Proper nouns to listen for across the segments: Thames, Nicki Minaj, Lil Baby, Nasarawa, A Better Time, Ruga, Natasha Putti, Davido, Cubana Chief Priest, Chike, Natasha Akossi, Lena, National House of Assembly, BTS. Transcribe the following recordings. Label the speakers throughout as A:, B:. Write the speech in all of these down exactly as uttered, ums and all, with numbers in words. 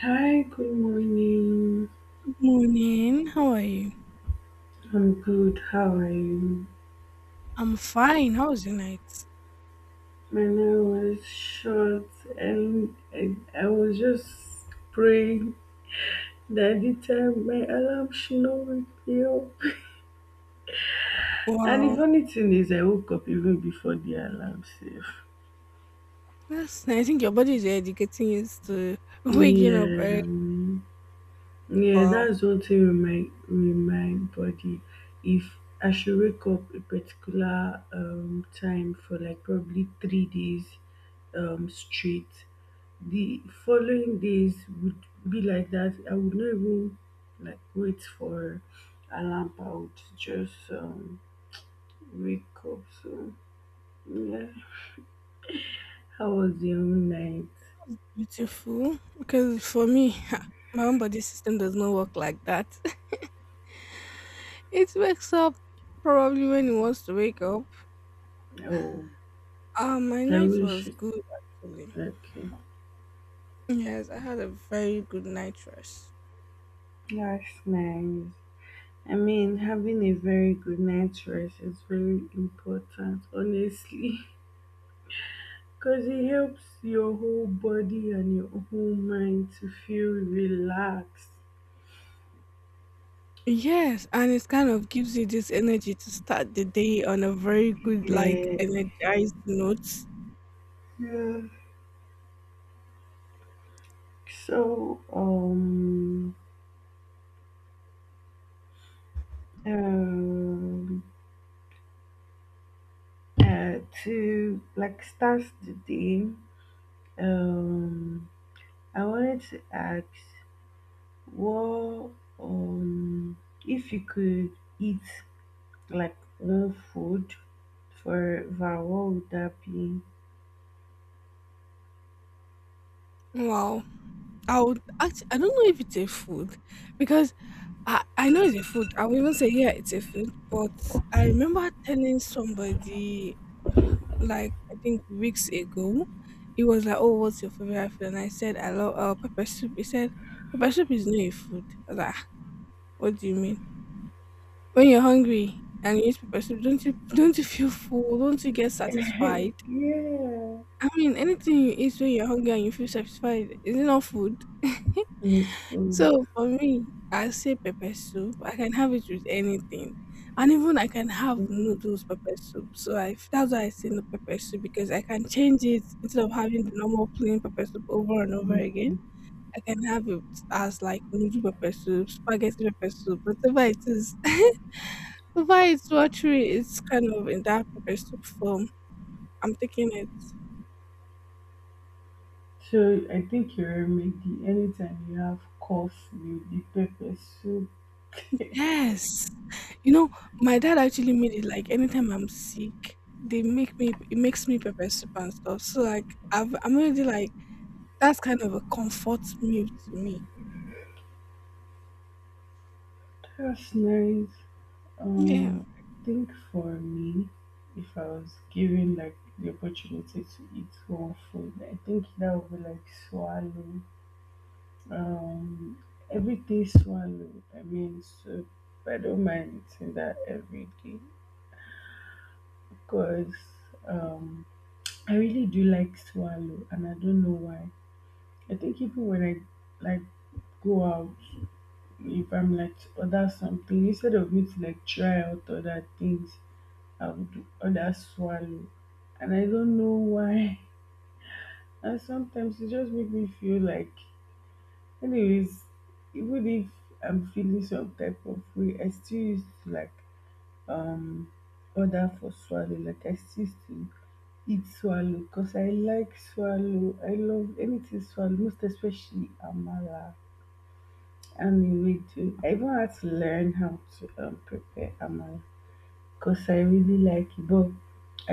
A: Hi, good morning.
B: Morning. How are you?
A: I'm good. How are you?
B: I'm fine. How was your night?
A: My nail was short, and I, I was just praying that the time my alarm should not wake me up. And the
B: Wow.
A: funny thing is, I woke up even before the alarm safe.
B: That's nice. I think your body is already getting used to waking up
A: Yeah,
B: early.
A: um, yeah,
B: Wow.
A: that's one thing with my with my body. If I should wake up a particular um time for like probably three days um straight the following days would be like that. I would not even like wait for alarm. I would just um, wake up. So yeah, how was your own night?
B: Beautiful. Because for me, my own body system does not work like that. It wakes up probably when it wants to wake up.
A: Oh,
B: Um, my
A: I
B: night
A: wish
B: was
A: it.
B: good actually.
A: Okay,
B: Yes, I had a very good night rest.
A: that's nice. I mean, having a very good night's rest is very important, honestly, because it helps your whole body and your whole mind to feel relaxed.
B: Yes, and it kind of gives you this energy to start the day on a very good, like,
A: Yeah.
B: energized note.
A: Yeah. So, um, um, uh, to like start the day, um, I wanted to ask what, um, if you could eat like one food forever, what would that be?
B: Wow. I would act I don't know if it's a food because I, I know it's a food. I would even say, yeah, it's a food. But I remember telling somebody, like, I think weeks ago, it was like, oh, what's your favorite food? And I said, I love uh, pepper soup. He said, pepper soup is not a food. I was like, "Ah, what do you mean? When you're hungry and you eat pepper soup, don't you, don't you feel full? Don't you get satisfied?
A: yeah.
B: I mean, anything you eat when you're hungry and you feel satisfied, is it not food?"
A: It's food.
B: So for me, I say pepper soup. I can have it with anything, and even I can have
A: Mm.
B: noodles pepper soup. So I f- that's why I say no pepper soup, because I can change it instead of having the normal plain pepper soup over and over again. I can have it as like noodle pepper soup, spaghetti pepper soup, whatever it is. Whatever it's watery, it's kind of in that pepper soup form. I'm taking it.
A: So I think you remember the anytime you have cough, you the pepper soup.
B: Yes. You know, my dad actually made it, like anytime I'm sick, they make me it makes me pepper soup and stuff. So like I've I'm already like that's kind of a comfort meal to me.
A: That's nice.
B: Yeah.
A: Um, I think for me, if I was given like the opportunity to eat one food, I think that would be like swallow. Um, everyday swallow. I mean, so I don't mind eating that every day because um, I really do like swallow, and I don't know why. I think even when I like go out, if I'm like to order something, instead of me to like try out other things, I would do other swallow. And I don't know why. And sometimes it just make me feel like, anyways, even if I'm feeling some type of way, I still used to like um order for swallow. Like I still used to eat swallow because I like swallow. I love anything swallow, most especially amala and ewedu. I even had to learn how to um prepare amala because I really like it. But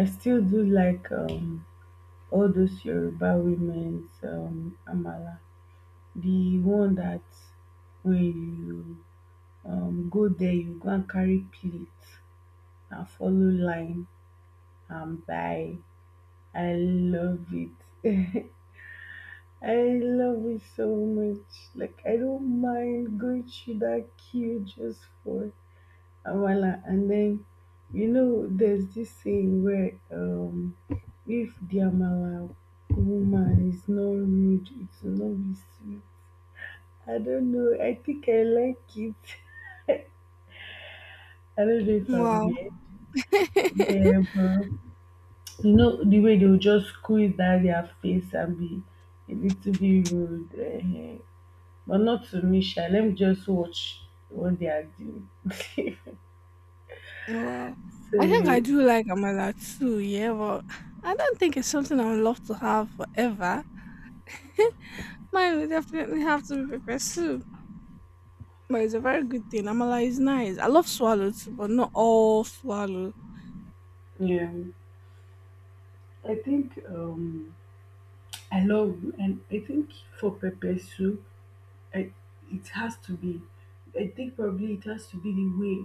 A: I still do like um all those Yoruba women's um, amala, the one that when you um, go there, you go and carry plate and follow line and buy. I love it. I love it so much. Like I don't mind going through that queue just for Voila, and then you know there's this saying where um if the Amala woman is not rude, it will not be sweet. I don't know. I think I like it. I don't know if I'm
B: Wow.
A: weird. Yeah, but you know the way they'll just squeeze down their face and be a little bit rude. Eh, eh. But not to me, sha. Let me just watch what they are doing.
B: Wow. I think I
A: so
B: do like Amala too, yeah, but I don't think it's something I would love to have forever. Mine would definitely have to be pepper soup. But it's a very good thing. Amala is nice. I love swallow too, but not all swallow.
A: yeah. I think um I love and I think for pepper soup, I, it has to be. I think probably it has to be the way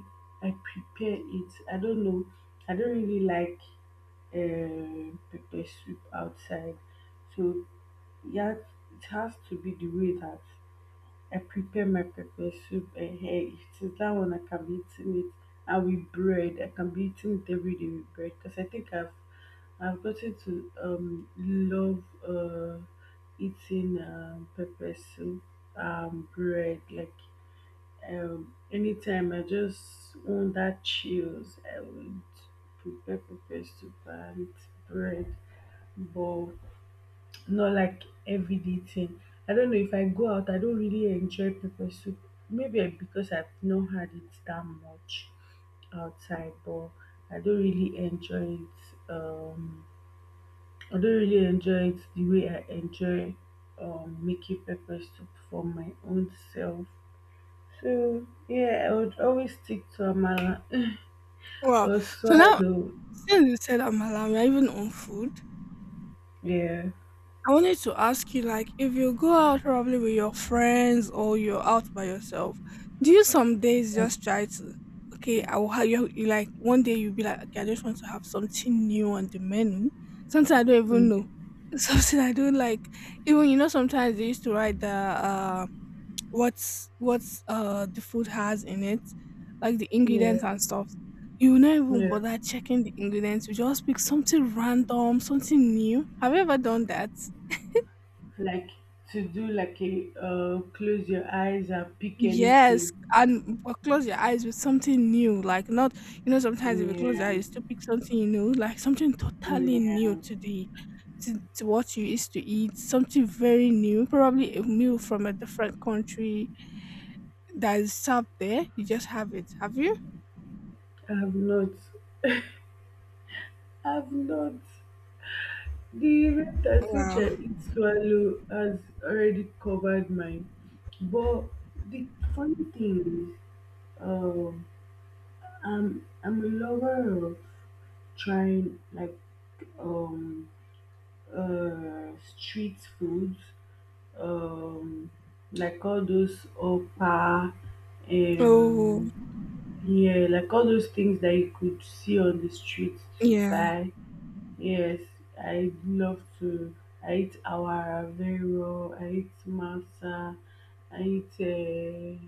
A: I prepare it. I don't know. I don't really like uh, pepper soup outside, so yeah, it has to be the way that I prepare my pepper soup. And hey, since that one, I can be eating it. And with bread, I can be eating it every day with bread because I think I've I've gotten to um love uh eating um pepper soup, um bread. Like um anytime I just want that chills, I would prepare pepper soup and bread. But not like everyday thing. I don't know if I go out, I don't really enjoy pepper soup. Maybe eh, because I've not had it that much outside, but I don't really enjoy it. Um, I don't really enjoy it the way I enjoy um, making pepper soup for my own self. So yeah, I would always stick to amala
B: Wow.
A: or
B: So now,
A: swallow.
B: since you said Amala, we are even on food.
A: Yeah,
B: I wanted to ask you, like, if you go out probably with your friends or you're out by yourself, do you some days
A: yeah,
B: just try to, okay, I will have you, you like one day you'll be like, okay, I just want to have something new on the menu, something I don't even know,
A: mm,
B: something I don't like. Even you know, sometimes they used to write the uh, what's what's uh the food has in it, like the
A: yeah,
B: ingredients and stuff. You will not even
A: yeah.
B: bother checking the ingredients. You just pick something random, something new. Have you ever done that?
A: Like to do like a uh, close your eyes and pick anything.
B: Yes, and or close your eyes with something new, like not, you know, sometimes if you close your eyes,
A: Yeah,
B: you still pick something new, like something totally new
A: yeah.
B: to the to, to what you used to eat, something very new, probably a meal from a different country that is served there. You just have it. Have you?
A: I've not. I've not. The rate at which
B: Wow.
A: I eat swallow has already covered mine. But the funny thing is, um, I'm I'm a lover of trying like um uh, street foods, um, like all those oppa,
B: Oh
A: um, yeah, like all those things that you could see on the street to
B: yeah.
A: buy. Yes, I love to. I eat awara very well. I eat masa. I eat. Uh,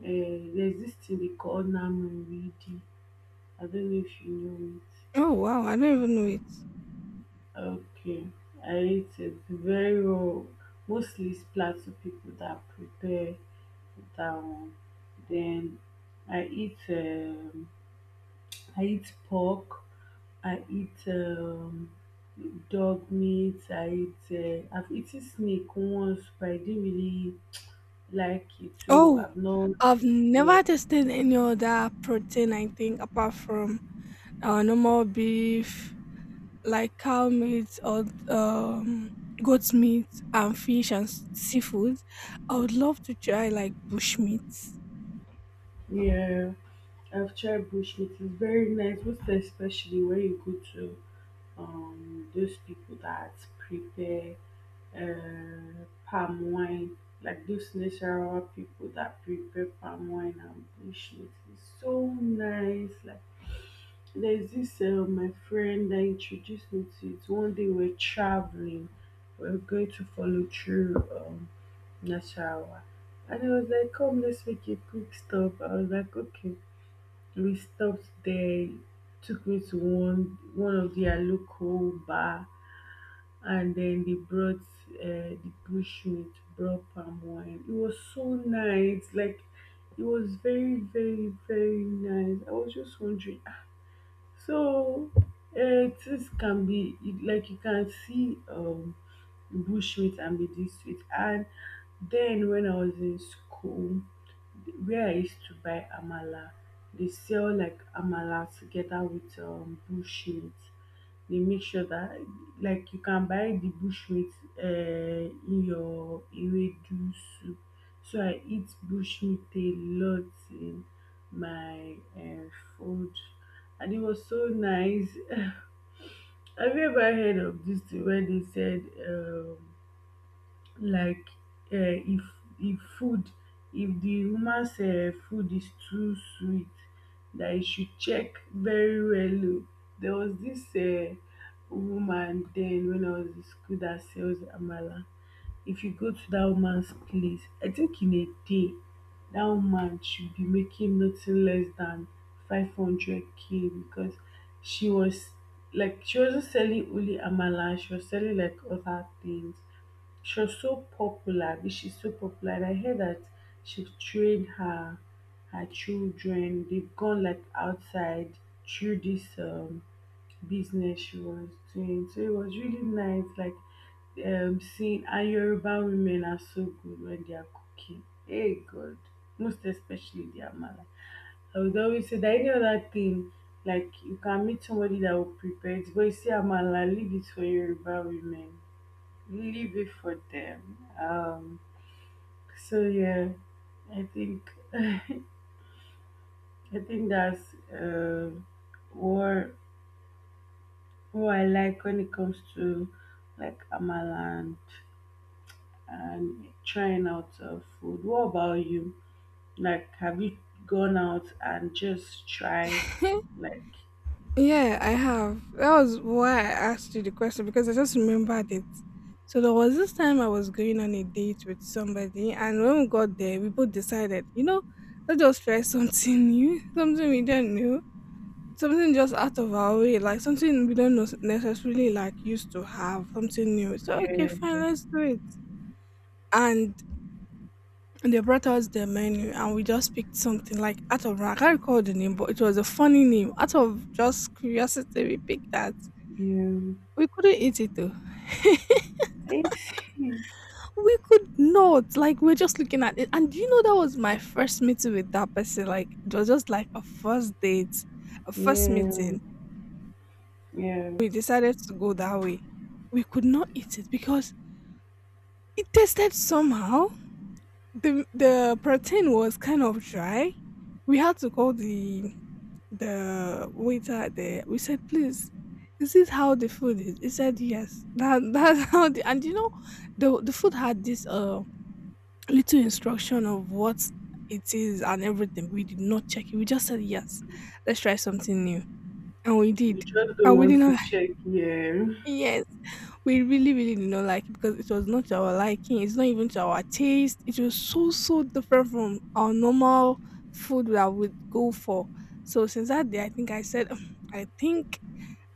A: uh, There's this thing they call namu I don't know if you know it.
B: Oh wow. I don't even know it.
A: Okay, I rate it very well. Mostly it's plateau people that prepare that one. Then I eat um, I eat pork. I eat um, dog meat. I eat. Uh, I've eaten snake once, but I didn't really like it. So
B: Oh,
A: I've not
B: I've
A: like yeah
B: never tasted any other protein. I think apart from uh, normal beef, like cow meat, or um, goat meat and fish and s- seafood. I would love to try like bush meat.
A: yeah. I've tried bush meat. It's very nice, most especially when you go to um those people that prepare uh, palm wine, like those natural people that prepare palm wine and bushmeat. It's so nice. Like there's this uh, my friend that introduced me to it. One day we're traveling, we're going to follow through um Nasarawa. And I was like, come, let's make a quick stop. I was like, okay. We stopped there, took me to one one of their local bar and then they brought uh, the bush meat, brought palm wine. It was so nice, like it was very, very, very nice. I was just wondering. Ah, So, uh, things can be like you can see um bushmeat and be this sweet. And then when I was in school, where I used to buy amala, they sell like amala together with um bushmeat. They make sure that like you can buy the bushmeat uh, in your ewedu soup. So I eat bushmeat a lot. Eh. My um food and it was so nice. Have you ever heard of this thing where they said um like uh, if if food if the woman's uh, food is too sweet that you should check very well. O. There was this uh, woman then when I was in school that sells amala if you go to that woman's place, I think in a day, that woman should be making nothing less than five hundred k because she was like, she wasn't selling only Amala, she was selling like other things. She was so popular, but she's so popular. And I heard that she's trained her her children, they've gone like outside through this um business she was doing. So it was really nice, like um, seeing and Yoruba women are so good when they are cooking. Hey God, most especially the amala. I would always say that any other thing, like you can meet somebody that will prepare it, but you see amala, leave it for Yoruba women, leave it for them. Um, so yeah, I think I think that's uh, what who I like when it comes to like amala and, and trying out uh, food. What about you? Like, have you gone out and just try like
B: Yeah, I have. That was why I asked you the question, because I just remembered it. So there was this time I was going on a date with somebody, and when we got there, we both decided, you know, let's just try something new, something we don't know, something just out of our way, like something we don't nos- necessarily like used to have, something new. So okay,
A: yeah,
B: fine, let's do it. And they brought us the menu and we just picked something like out of, I can't recall the name, but it was a funny name. Out of just curiosity, we picked that.
A: yeah,
B: We couldn't eat it though.
A: I see.
B: We could not. Like we're just looking at it. And you know that was my first meeting with that person? Like it was just like a first date, a first
A: Yeah,
B: meeting.
A: yeah.
B: We decided to go that way. We could not eat it because it tasted somehow. The the protein was kind of dry. We had to call the the waiter there. We said, "Please, is this how the food is?" He said, "Yes." That that's how the, and you know, the the food had this uh little instruction of what it is and everything. We did not check it. We just said, "Yes, let's try something new," and we did,
A: You just don't
B: and we did
A: want
B: not
A: to check, yeah,
B: yes, we really, really did not like it because it was not to our liking. It's not even to our taste. It was so, so different from our normal food that we'd go for. So since that day, I think I said, "Mm, I think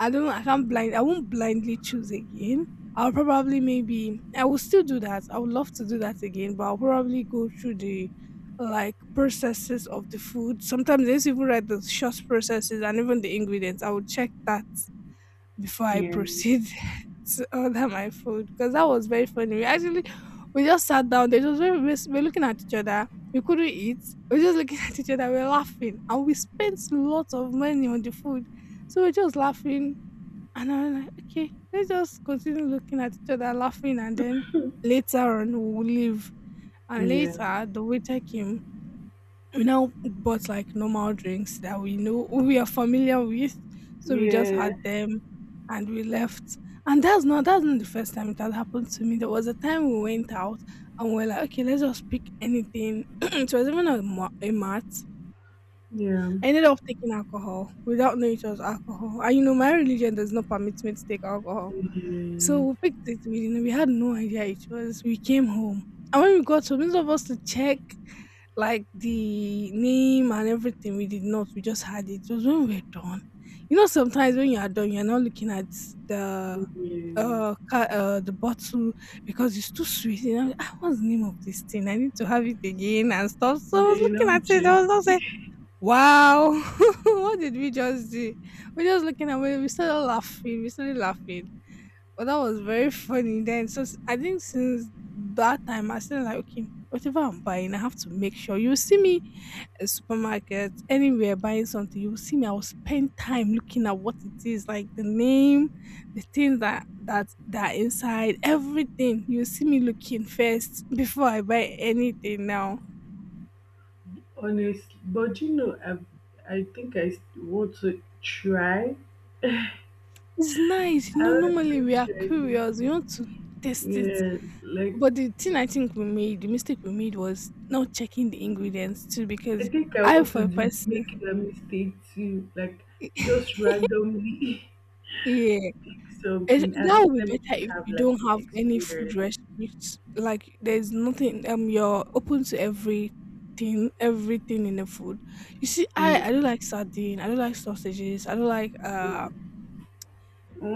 B: I don't. I can't blind. I won't blindly choose again. I'll probably, maybe I will still do that. I would love to do that again, but I'll probably go through the like processes of the food. Sometimes they even write the short processes and even the ingredients. I will check that before I
A: yeah,
B: proceed to order my food, because that was very funny. We actually we just sat down. There, it was very we were looking at each other. We couldn't eat. We were just looking at each other. We were laughing, and we spent lots of money on the food. So we are just laughing, and I'm like, okay, let's just continue looking at each other, laughing, and then later on we'll leave. And
A: yeah,
B: later the waiter came, we now bought like normal drinks that we know we are familiar with. So we just
A: yeah,
B: had them and we left. And that's not that's not the first time it had happened to me. There was a time we went out and we are like, okay, let's just pick anything. It was even a, ma- a mart. I
A: yeah,
B: ended up taking alcohol without knowing it was alcohol. And you know, my religion does not permit me to take alcohol. So we
A: yeah,
B: picked it. We didn't, we had no idea it was. We came home, and when we got home, instead of us to check like the name and everything, we did not. We just had it. It was when we were done. You know, sometimes when you are done, you are not looking at the uh,
A: yeah.
B: ca- uh the bottle, because it's too sweet. You know, like, ah, what's the name of this thing? I need to have it again and stuff. So I was
A: They
B: looking at
A: don't
B: it.
A: check.
B: I was not Wow! What did we just do? We're just looking at We we started laughing. We started laughing. But that was very funny then. So s- I think since that time I said, like, okay, whatever I'm buying, I have to make sure, you see me at supermarket, anywhere buying something, you will see me. I will spend time looking at what it is, like the name, the things that that that are inside, everything. You see me looking first before I buy anything now.
A: Honestly, but you know, I I think I s- want to try.
B: It's nice. You
A: I
B: know,
A: want
B: normally we
A: to
B: are
A: try this.
B: curious. We want to test it.
A: Yeah, like
B: But the thing I think we made, the mistake we made, was not checking the ingredients too,
A: I
B: because
A: think I
B: I,
A: want to
B: for a
A: do,
B: person,
A: make a mistake too. Like just randomly
B: yeah,
A: pick
B: it,
A: something. At
B: that
A: least
B: would be
A: let me
B: better
A: just
B: if
A: have
B: you
A: like
B: don't
A: the
B: have any food
A: experience.
B: restrictions. Like there's nothing. Um, you're open to everything, everything in the food. You see, I
A: Yeah.
B: I don't like sardine. I don't like sausages. I don't like uh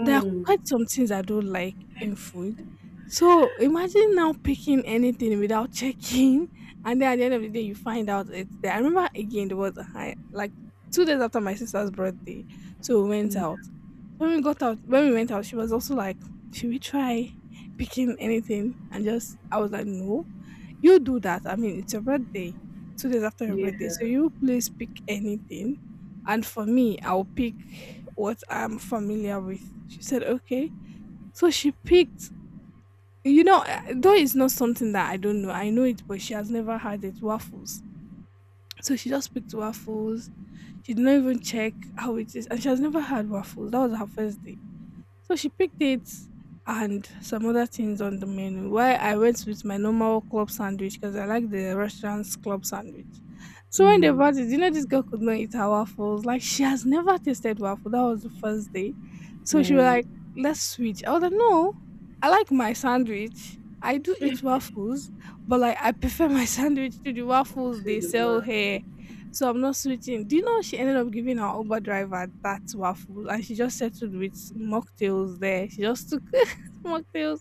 B: there are quite some things I don't like in food. So imagine now picking anything without checking, and then at the end of the day, you find out it's there. I remember again, there was a high, like, two days after my sister's birthday. So we went out.
A: Mm.
B: When we got out, when we went out, she was also like, should we try picking anything? And just, I was like, no. You do that. I mean, it's your birthday, two days after your birthday. So
A: Yeah.
B: you please pick anything. And for me, I'll pick what I'm familiar with. She said, okay. So she picked, you know, uh, though it's not something that I don't know, I know it, but she has never had it, waffles. So she just picked waffles. She did not even check how it is. And she has never had waffles. That was her first day. So she picked it and some other things on the menu. Why I went with my normal club sandwich because I like the restaurant's club sandwich. So when they brought it,
A: Mm.
B: you know, this girl could not eat her waffles. Like she has never tasted waffle. That was the first day. So she was
A: Yeah.
B: like, let's switch. I was like, no, I like my sandwich. I do eat waffles, but like I prefer my sandwich to the waffles
A: To
B: they
A: the
B: sell
A: world
B: here. So I'm not switching. Do you know she ended up giving her Uber driver that waffle, and she just settled with mocktails there. She just took mocktails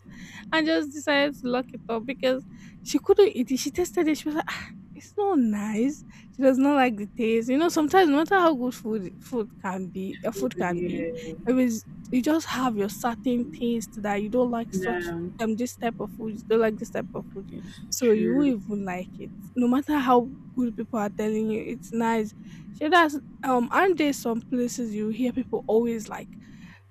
B: and just decided to lock it up because she couldn't eat it. She tasted it. She was like, "Ah, it's not nice." She does not like the taste. You know, sometimes no matter how good food food can be, uh,
A: food.
B: food can be,
A: Yeah.
B: it is, you just have your certain taste that you don't like such
A: Now
B: um this type of food, you don't like this type of food.
A: it's
B: So you won't
A: true.
B: even like it no matter how good people are telling you, it's nice. So that's um aren't there some places you hear people always like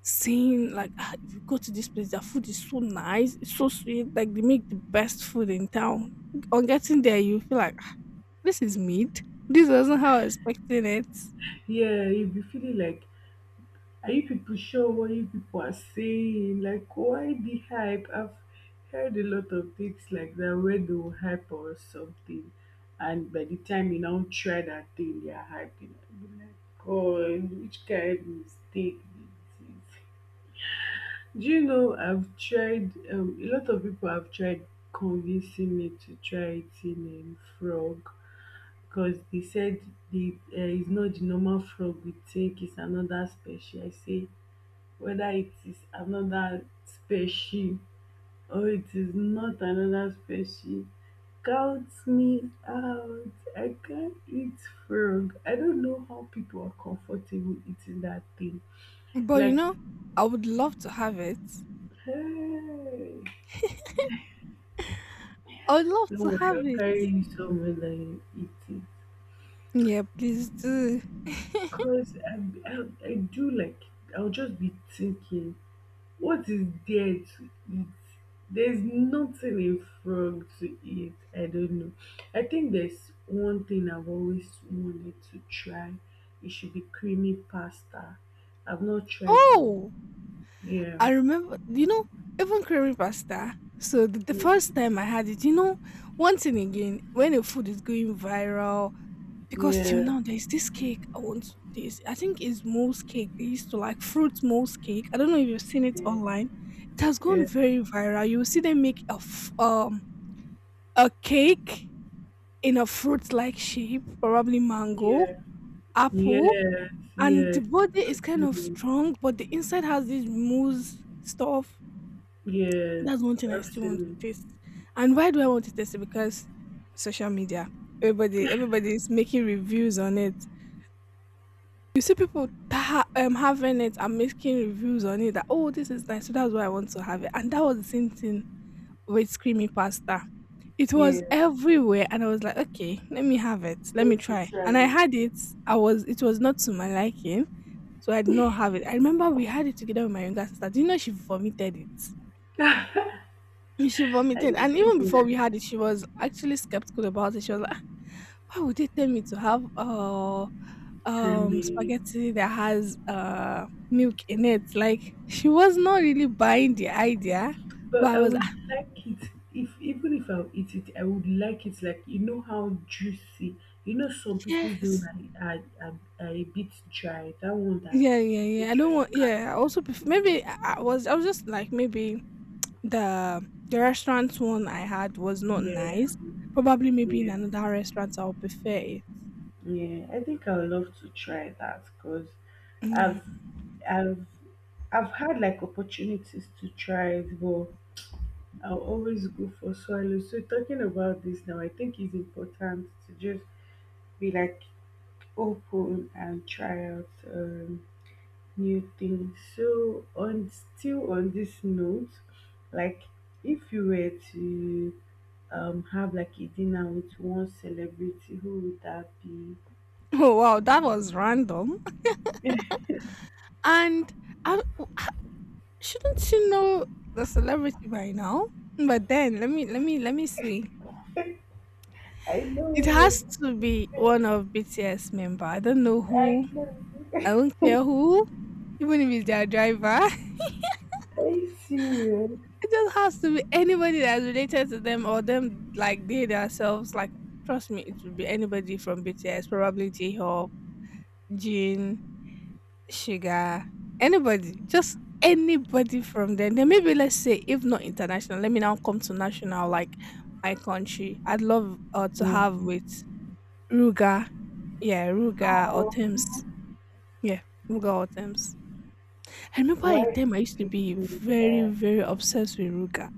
B: saying like "Ah, if you go to this place, their food is so nice, it's so sweet, like they make the best food in town." On getting there you feel like "Ah, this is meat. This wasn't how I was expecting it."
A: Yeah, you'll be feeling like Are you people sure what you people are saying? Like, why the hype? I've heard a lot of things like that where they will hype or something, and by the time you now try that thing, they are hyping. I'll be like, God, which kind of mistake this is. Do you know I've tried, um, a lot of people have tried convincing me to try eating um, frog because they said the, uh, it's not the normal frog we take, it's another special. I say, whether it is another spaceship or it is not another spaceship. Count me out. I can't eat frog. I don't know how people are comfortable eating that thing.
B: But you
A: Like,
B: know, I would love to have it.
A: hey,
B: I would love
A: don't
B: to
A: worry,
B: have
A: I'll
B: it.
A: carry you somewhere that you eat it.
B: Yeah, please do.
A: Because I, I, I do like, I'll just be thinking what is there to eat? There's nothing in frog to eat. I don't know. I think there's one thing I've always wanted to try. It should be creamy pasta. I've not tried that
B: Oh,
A: one. Yeah.
B: I remember, you know, even creamy pasta. So the, the first
A: Mm,
B: time I had it, you know, once and again, when a food is going viral, because till
A: yeah.
B: now there's this cake I want to taste. I think it's mousse cake. They used to like fruit mousse cake. I don't know if you've seen it
A: Yeah.
B: online. It has gone very viral. You will see them make a f- um a cake in a fruit-like shape, probably mango,
A: Yeah.
B: apple,
A: Yes.
B: and the
A: Yes.
B: body
A: I've
B: is kind of
A: seen
B: strong, but the inside has this mousse stuff.
A: it. Yes.
B: That's one thing I
A: I've
B: still want to
A: seen
B: taste.
A: it.
B: And why do I want to taste it? Because social media. Everybody everybody is making reviews on it. You see people ta- um, having it and making reviews on it that oh this is nice. So that's why I want to have it. And that was the same thing with creamy pasta. It was
A: Yeah.
B: everywhere and I was like, okay, let me have it. Let me
A: Let's
B: try. And I
A: try
B: had it. I was it was not to my liking. So I did not have it. I remember we had it together with my younger sister. Do you know she vomited it?
A: it.
B: She
A: Are
B: vomited,
A: you
B: and even before
A: serious?
B: we had it, she was actually skeptical about it. She was like, "Ah, why would they tell me to have uh um
A: Creamy
B: spaghetti that has uh milk in it?" Like she was not really buying the idea, but
A: but
B: I
A: I
B: was
A: would
B: like,
A: like it if even if I'll eat it, I would like it like you know how juicy. You know some people's own
B: yes,
A: are, are, are, are a bit dry. That one
B: yeah,
A: that's
B: yeah,
A: a
B: yeah.
A: bit
B: I don't
A: dry.
B: want.
A: Can't-
B: Yeah, I also pref- maybe I I was I was just like maybe the the restaurant one I had was not
A: yeah,
B: nice. Probably maybe in
A: yeah,
B: another restaurant I'll prefer it.
A: yeah. I think I would love to try that because
B: Yeah.
A: I've I've I've had like opportunities to try it, but I'll always go for swallow. So talking about this now, I think it's important to just be like open and try out. Um, new things. So on still on this note, like if you were to um have like a dinner with one celebrity, who would that be?
B: Oh wow, that was random. And I shouldn't she know the celebrity by now? But then let me let me let me see.
A: I know
B: It
A: you're
B: has to be
A: serious.
B: one of B T S member. I don't know
A: I
B: who.
A: know.
B: I don't care who. Even if it's their driver.
A: Are you serious?
B: It just has to be anybody that's related to them or them like they themselves. Like trust me, it would be anybody from B T S, probably J Hope, Jin, Sugar, anybody, just anybody from there. Then maybe let's say, if not international, let me now come to national, like my country. I'd love uh, to
A: Yeah.
B: have with Ruga. Yeah, Ruga or
A: Oh,
B: Thames. Yeah, Ruga or Thames. I remember a
A: why
B: time
A: did
B: I used to
A: you
B: be
A: pick me?
B: very,
A: Uh,
B: very obsessed with Ruga.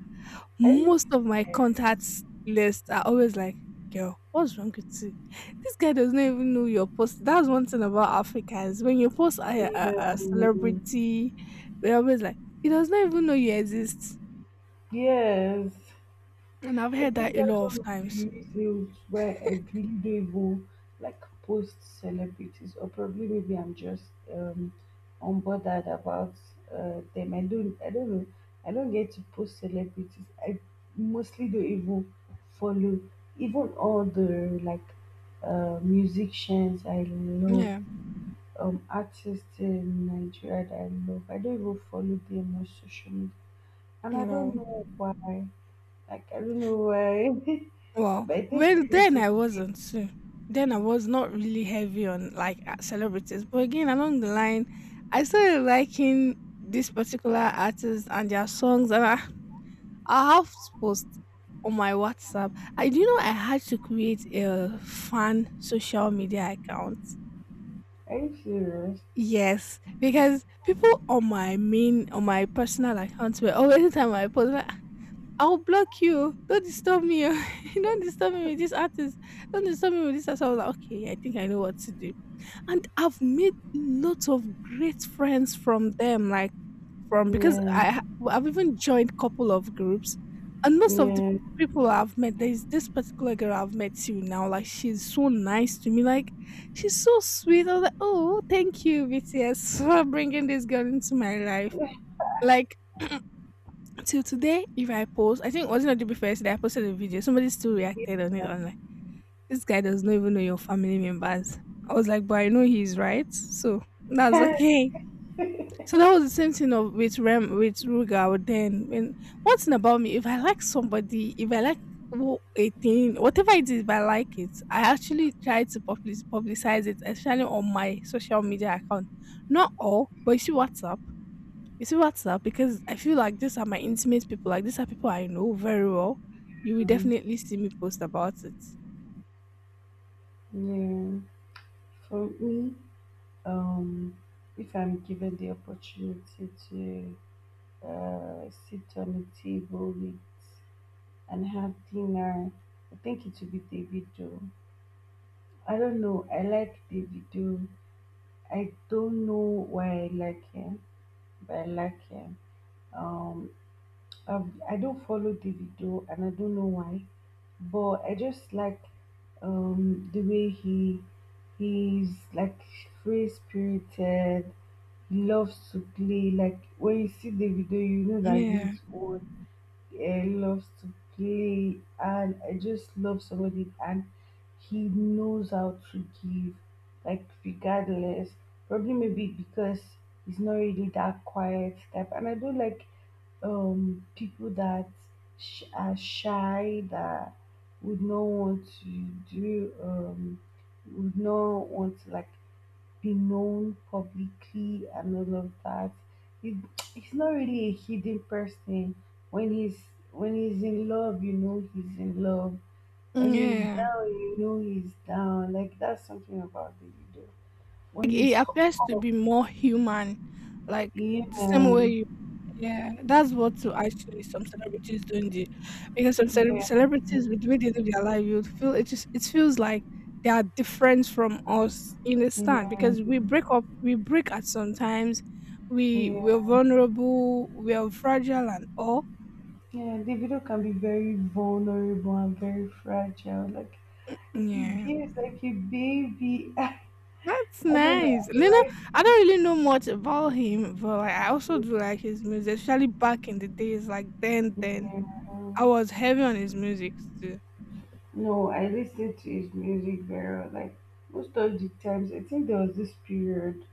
A: Are you
B: Most of my
A: serious?
B: contacts list are always like, girl, what's wrong with you? This guy does not even know your post. That's one thing about Africans. When you post a, a, a celebrity, they're always like, he does not even know you exist.
A: Yeah. Yes.
B: And I've
A: I
B: heard
A: think
B: that a
A: that's
B: lot
A: one
B: of
A: of
B: times.
A: the reasons why I really don't even like post celebrities, or probably maybe I'm just um unbothered about uh, them. I don't, I don't know. I don't get to post celebrities. I mostly don't even follow even all the like uh, musicians I love,
B: Yeah.
A: um, artists in Nigeria that I love. I don't even follow them on social media, and I don't
B: Wow.
A: know why. Like, I don't know why,
B: Wow.
A: but I think
B: Well,
A: it's
B: then I
A: okay.
B: wasn't too. Then I was not really heavy on like uh, celebrities. But again, along the line, I started liking this particular artist and their songs, and I, I have post on my WhatsApp. I do you know I had to create a fan social media account.
A: Are you serious?
B: Yes, because people on my main on my personal account were always the time I post. I'll block you. Don't disturb me. Don't disturb me with this artist. Don't disturb me with this artist. I was like, okay, I think I know what to do. And I've made lots of great friends from them, like from because
A: Yeah,
B: I ha- I've even joined couple of groups, and most of the
A: yeah,
B: people I've met, there's this particular girl I've met till now. Like she's so nice to me. Like she's so sweet. I was like, oh, thank you, B T S, for bringing this girl into my life. Like till today, if I post, I think it wasn't on the day before yesterday I posted a video. Somebody still reacted on it. I'm like, this guy does not even know your family members. I was like, but I know he's right, so that's
A: yeah.
B: okay. So that was the same thing of with Rem with Ruga. Then when one thing about me, if I like somebody, if I like wo- a thing, whatever it is, if I like it, I actually try to public publicize it, especially on my social media account. Not all, but you see WhatsApp. You see WhatsApp because I feel like these are my intimate people. Like these are people I know very well. You will
A: Um,
B: definitely see me post about it.
A: yeah. For me, um, if I'm given the opportunity to uh, sit on a table with and have dinner, I think it would be Davido. I don't know. I like Davido. I don't know why I like him, but I like him. Um, um, I don't follow Davido and I don't know why, but I just like um, the way he he's like free spirited. He loves to play. Like when you see Davido, you know that
B: Yeah,
A: this one uh, loves to play and I just love some of it and he knows how to give like regardless probably maybe because he's not really that quiet type and I don't like um people that sh- are shy that would not want to do um would not want to like be known publicly and all of that. He, he's not really a hidden person. When he's when he's in love, you know he's in love. When he's
B: yeah.
A: down, you know he's down. Like that's something about Davido.
B: Like,
A: When
B: it
A: he's
B: appears to
A: up,
B: be more human, like
A: yeah,
B: the same way. Yeah, that's what to actually some celebrities doing, not because some cele-
A: yeah,
B: celebrities with the way they live their life, you feel it, just it feels like they are different from us, in a stand.
A: yeah,
B: Because we break up, we break at sometimes, we we're
A: yeah,
B: vulnerable, we're fragile and all.
A: yeah. Davido can be very vulnerable and very fragile. Like he
B: Yeah,
A: behaves like a baby. I
B: that's
A: don't know.
B: nice.
A: I
B: Lena,
A: like
B: I don't really know much about him, but like, I also do
A: him.
B: like his music, especially back in the days. Like then, then I
A: Yeah.
B: was heavy on his music too.
A: No, I listen to his music very well. Like most of the times, I think there was this period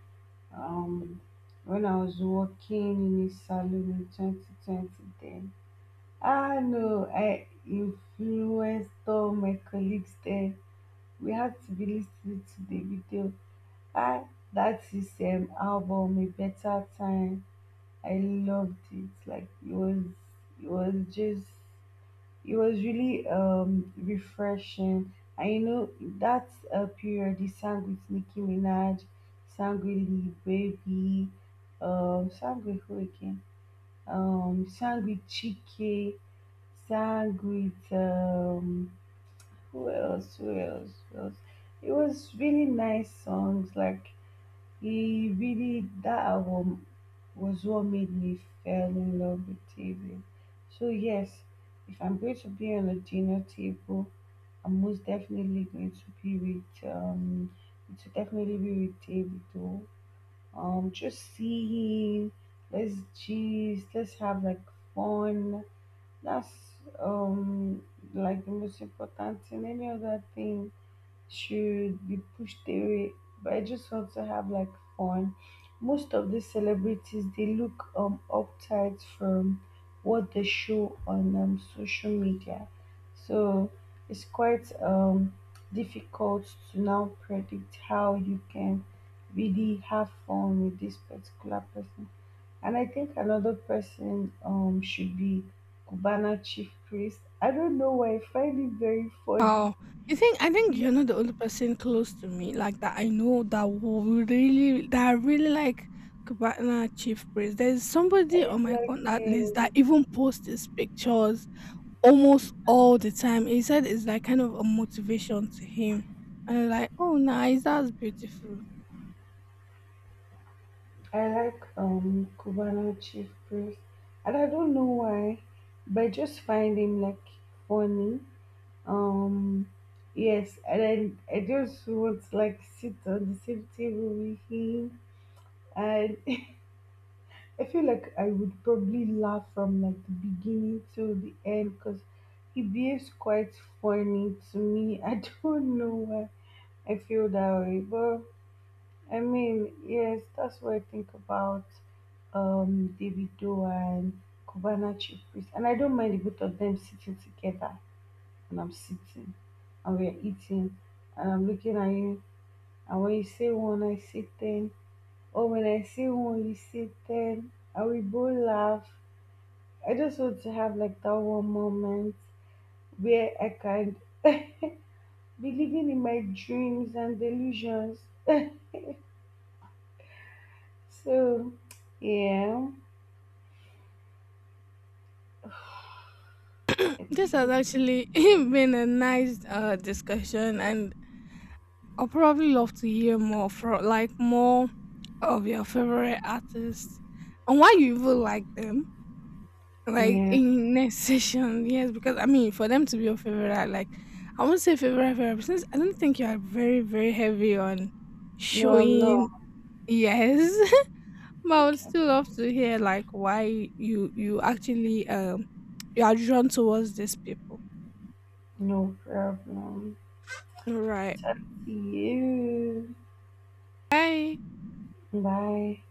A: um when I was working in a salon in twenty twenty then. Ah no, I influenced all my colleagues there. We had to be listening to the video. Ah, that is um album A Better Time. I loved it. Like it was it was just it was really um refreshing. And you know that uh, period, he sang with Nicki Minaj, sang with Lil Baby, um, sang with who again? Um, sang with Chike, sang with um, who else? Who else? Who else? It was really nice songs like he really that album was what made me fell in love with T V. So yes, if I'm going to be on a dinner table, I'm most definitely going to be with um it should definitely be with David though. Um just see him, let's gist, let's have like fun. That's um like the most important thing. Any other thing should be pushed away but I just want to have like fun most of these celebrities they look um uptight from what they show on um, social media so it's quite um difficult to now predict how you can really have fun with this particular person and I think another person um should be cubana chief priest I don't know why I find it very funny
B: Wow. You think I think you're not the only person close to me like that I know that will really that I really like Cubana Chief Priest. There's
A: I
B: somebody on
A: did
B: my
A: like
B: contact list that
A: um,
B: even posts his pictures almost all the time. He said it's like kind of a motivation to him. And I'm like, oh nice, that's beautiful.
A: I like um Cubano Chief Priest, and I don't know why, but I just find him like funny. Um, yes, and I I just want to like sit on the same table with him, and I feel like I would probably laugh from like the beginning to the end because he behaves quite funny to me. I don't know why I feel that way, but I mean, yes, that's what I think about um, Davido and Cubana Chief Priest. And I don't mind the both of them sitting together. And I'm sitting and we're eating and I'm looking at you. And when you say one, I say ten. Or when I say one, you say ten. And we both laugh. I just want to have like that one moment where I can be living in my dreams and delusions. So, yeah,
B: This has actually been a nice uh discussion, and I'll probably love to hear more from like more of your favorite artists and why you even like them. Like
A: yeah.
B: in next session, yes, because I mean for them to be your favorite, I like I won't say favorite favorite since I don't think you are very, very heavy on
A: No, I'm
B: showing,
A: not.
B: yes. But I would still love to hear like why you you actually um you are drawn towards these people.
A: No problem.
B: All right.
A: Talk to you.
B: Bye.
A: Bye.